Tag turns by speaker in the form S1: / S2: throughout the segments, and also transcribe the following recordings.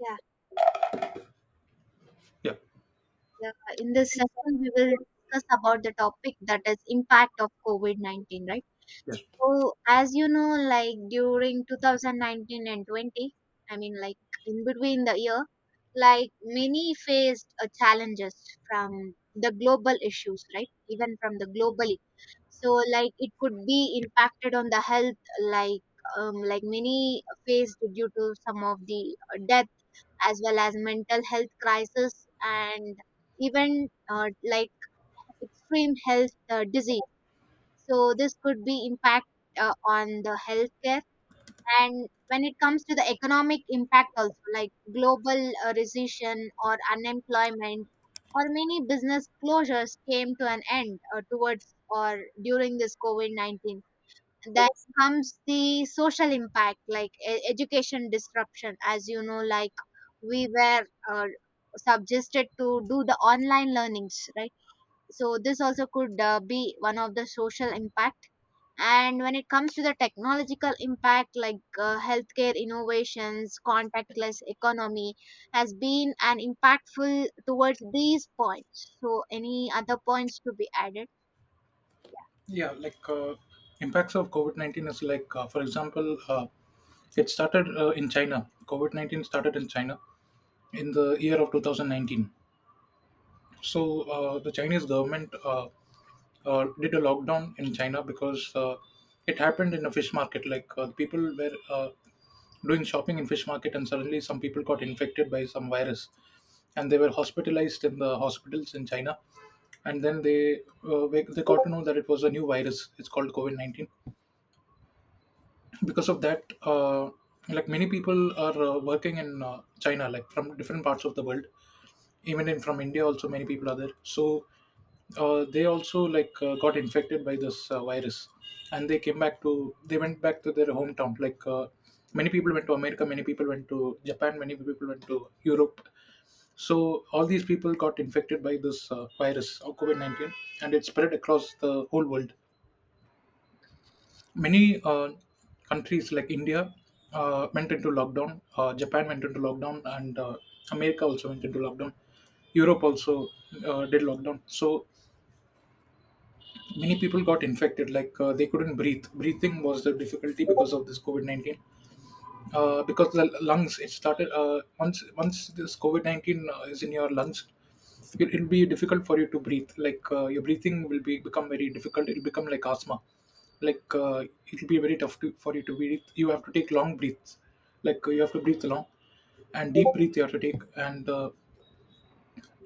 S1: Yeah,
S2: Yeah,
S1: yeah. In this session, we will discuss about the topic that is impact of COVID-19, right?
S2: yes.
S1: So, as you know, like during 2019 and 20, I mean, like in between the year, like many faced challenges from the global issues, right? Even from the globally. So, like it could be impacted on the health, like like many faced due to some of the death, as well as mental health crisis, and even like extreme health disease. So this could be impact on the healthcare. And when it comes to the economic impact also, like global recession or unemployment, or many business closures came to an end towards or during this COVID-19. Then comes the social impact, like education disruption, as you know, like we were uh, suggested to do the online learnings, right? So this also could be one of the social impact. And when it comes to the technological impact, like healthcare innovations, contactless economy has been an impactful towards these points. So any other points to be added?
S2: Yeah, like impacts of COVID 19 is like, for example, it started in China. COVID 19 started in China in the year of 2019. So the Chinese government did a lockdown in China because it happened in a fish market. Like people were doing shopping in fish market, and suddenly some people got infected by some virus, and they were hospitalized in the hospitals in China. And then they got to know that it was a new virus. It's called COVID 19. Because of that, like, many people are working in china, like from different parts of the world, even in from india also, many people are there. So they also, like got infected by this virus, and they went back to their hometown, like many people went to america, many people went to japan, many people went to europe. So all these people got infected by this virus of COVID-19, and it spread across the whole world. Many countries like India went into lockdown, Japan went into lockdown, and America also went into lockdown. Europe also did lockdown. So many people got infected, like they couldn't breathe. Breathing was the difficulty because of this COVID 19, because the lungs, it started once this COVID 19 is in your lungs, it'll be difficult for you to breathe. Like your breathing will be become very difficult. It'll become like asthma. Like it'll be very tough for you to breathe. You have to take long breaths. Like you have to breathe long and deep breath you have to take. and uh,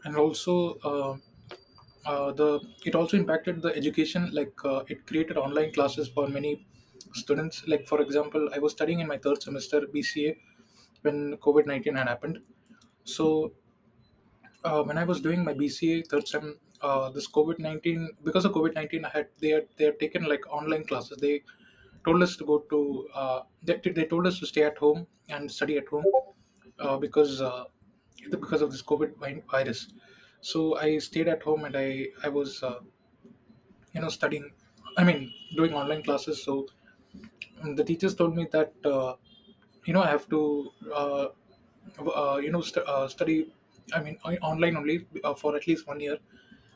S2: and also, the it also impacted the education. Like it created online classes for many students. Like for example, I was studying in my third semester bca when COVID 19 had happened. So, when I was doing my BCA third sem, because of COVID 19, I had they had they had taken, like, online classes. They told us to go to, they told us to stay at home and study at home, because of this COVID virus. So I stayed at home, and I was, studying. I mean, doing online classes. So, and the teachers told me that, I have to, study. I mean, online only, for at least one year.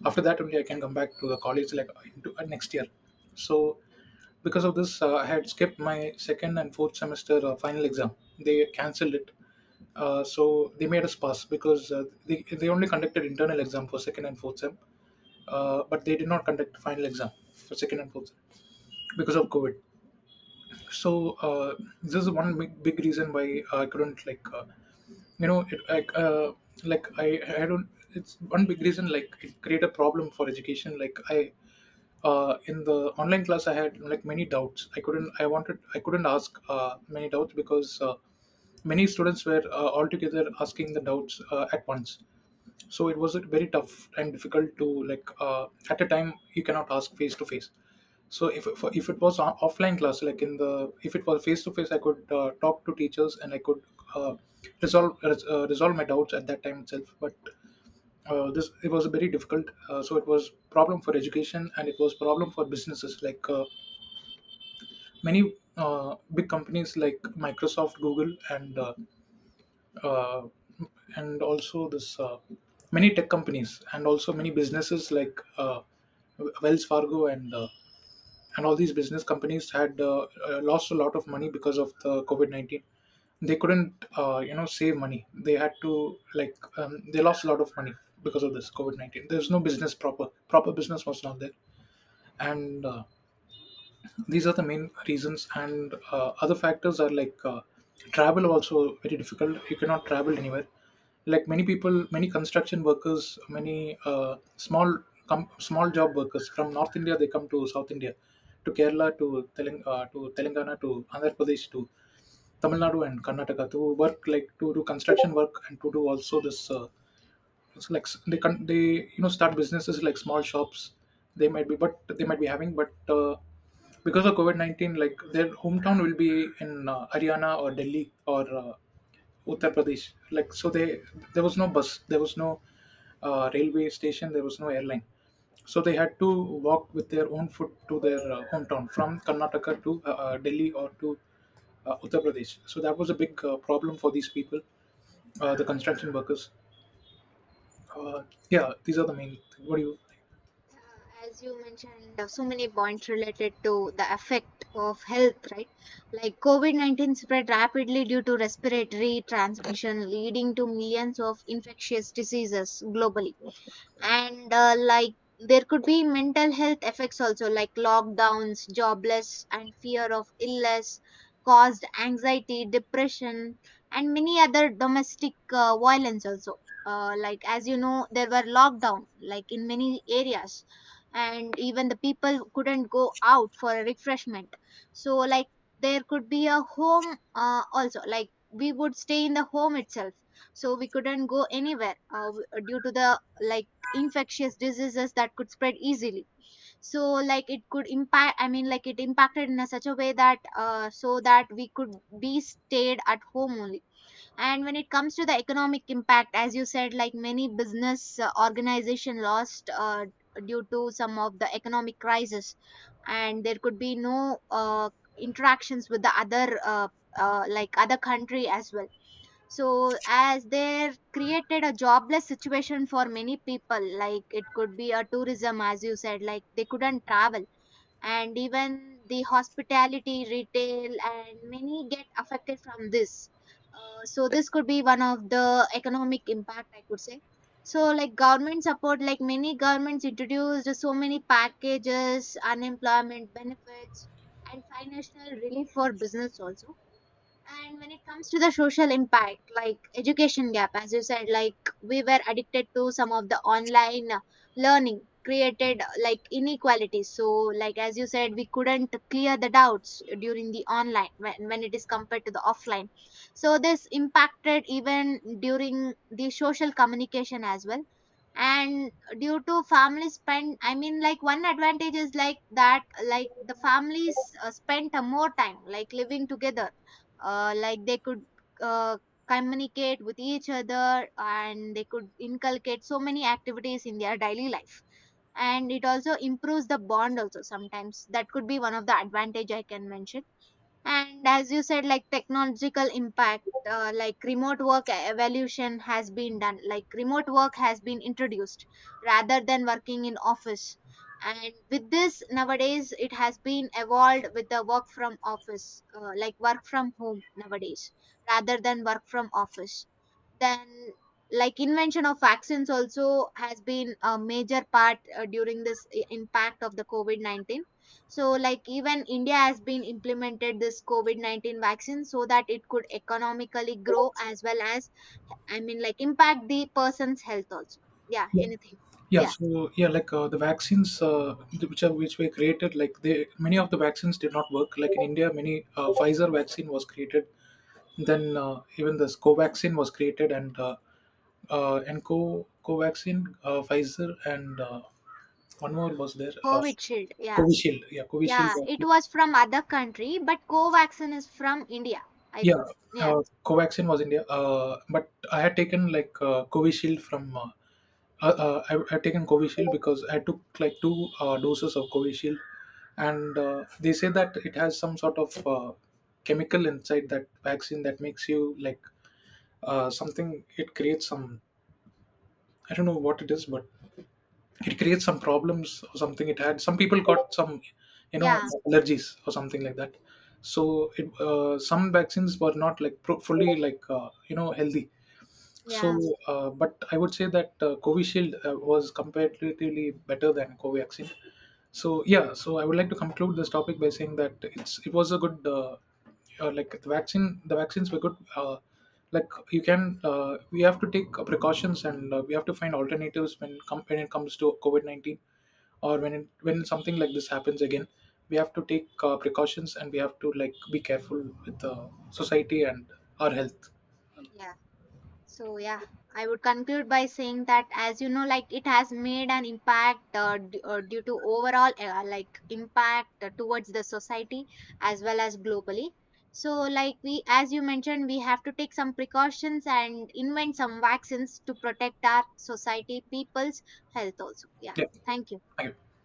S2: After that only, I can come back to the college, like, into, next year. So, because of this, I had skipped my second and fourth semester, final exam. They cancelled it. So they made us pass because, they only conducted internal exam for second and fourth sem, but they did not conduct final exam for second and fourth sem because of COVID. So, this is one big, big reason why I couldn't, like, you know it like i don't. It's one big reason, like, it create a problem for education. Like, I in the online class, I had, like, many doubts. I couldn't ask many doubts because many students were altogether asking the doubts at once. So it was, like, very tough and difficult to, like, at a time, you cannot ask face to face. So if it was offline class, like, in the if it was face to face, I could talk to teachers, and I could uh, resolve my doubts at that time itself. But this it was very difficult. So it was problem for education, and it was problem for businesses. Like many big companies like microsoft, google, and, uh, also this, many tech companies, and also many businesses like Wells Fargo, and all these business companies had lost a lot of money because of the COVID 19. They couldn't, save money. They had to, like, they lost a lot of money because of this COVID 19. There's no business, proper business was not there. And these are the main reasons. And other factors are, like, travel also very difficult. You cannot travel anywhere. Like many people, many construction workers, many small, small job workers from north india, they come to south india, to kerala, to to telangana, to andhra pradesh, to tamil nadu and karnataka to work, like to do construction work, and to do also this. It's like, they can they, start businesses like small shops. They might be, but they might be having. But, uh, because of COVID-19, like, their hometown will be in haryana or delhi, or uttar pradesh. Like, so they, there was no bus, there was no railway station, there was no airline. So they had to walk with their own foot to their hometown from Karnataka to Delhi, or to Uttar Pradesh. So that was a big problem for these people, the construction workers. Uh, yeah, these are the main. Like, what do you?
S1: As you mentioned, there so many points related to the effect of health, right? Like COVID 19 spread rapidly due to respiratory transmission, leading to millions of infectious diseases globally. And like there could be mental health effects also, like lockdowns, jobless, and fear of illness caused anxiety, depression, and many other domestic violence also. Like as you know, there were lockdown like in many areas, and even the people couldn't go out for a refreshment, so like there could be a home also, like we would stay in the home itself, so we couldn't go anywhere due to the like infectious diseases that could spread easily. So like it could impact, I mean, like it impacted in a such a way that so that we could be stayed at home only. And when it comes to the economic impact, as you said, like many business organization lost due to some of the economic crisis. And there could be no interactions with the other like other country as well. So as they created a jobless situation for many people, like it could be a tourism, as you said, like they couldn't travel, and even the hospitality, retail, and many get affected from this. So this could be one of the economic impact, I could say. So like government support, like many governments introduced so many packages, unemployment benefits, and financial relief for business also. And when it comes to the social impact, like education gap, as you said, like we were addicted to some of the online learning, created like inequalities. So, like as you said, we couldn't clear the doubts during the online when it is compared to the offline. So this impacted even during the social communication as well. And due to family spend, I mean, like one advantage is like that, like the families spent more time like living together, like they could uh, communicate with each other, and they could inculcate so many activities in their daily life. And it also improves the bond also sometimes. That could be one of the advantage I can mention. And as you said, like technological impact, like remote work evolution has been done. Like remote work has been introduced, rather than working in office. And with this, nowadays it has been evolved with the work from office, like work from home nowadays, rather than work from office. Then, like invention of vaccines also has been a major part during this impact of the COVID 19. So, like even India has been implemented this COVID 19 vaccine so that it could economically grow, as well as, I mean, like impact the person's health also. Yeah,
S2: Yeah,
S1: anything.
S2: yeah.
S1: Yeah,
S2: So yeah, like the vaccines, which were created. Like, they many of the vaccines did not work. Like in India, many Pfizer vaccine was created. Then even this Covaxin was created, and, Co Covaxin, Pfizer, and one more was there.
S1: COVID shield. Yeah,
S2: Covishield, yeah, Covishield
S1: yeah, it
S2: vaccine.
S1: was from other country, but Covaxin is from India. I
S2: Yeah,
S1: could. Yeah,
S2: Covaxin was India, but I had taken, like, Covishield from. I had taken Covishield because I took, like, two doses of Covishield, and they say that it has some sort of chemical inside that vaccine that makes you, like, something. It creates some, I don't know what it is, but it creates some problems, or something. It had some, people got some, you know
S1: yeah,
S2: allergies, or something like that. So some vaccines were not, like, fully, like, healthy. So,
S1: yeah,
S2: but I would say that, covishield was comparatively better than covaxin. So yeah, so I would like to conclude this topic by saying that it was a good, like, the vaccines were good. Like, you can we have to take precautions, and we have to find alternatives, when it comes to COVID-19, or when something like this happens again, we have to take precautions, and we have to, like, be careful with the society and our health.
S1: yeah. So yeah, I would conclude by saying that as you know, like it has made an impact due to overall like impact towards the society, as well as globally. So like we, as you mentioned, we have to take some precautions and invent some vaccines to protect our society people's health also. Yeah,
S2: Yeah,
S1: thank you.
S2: thank you.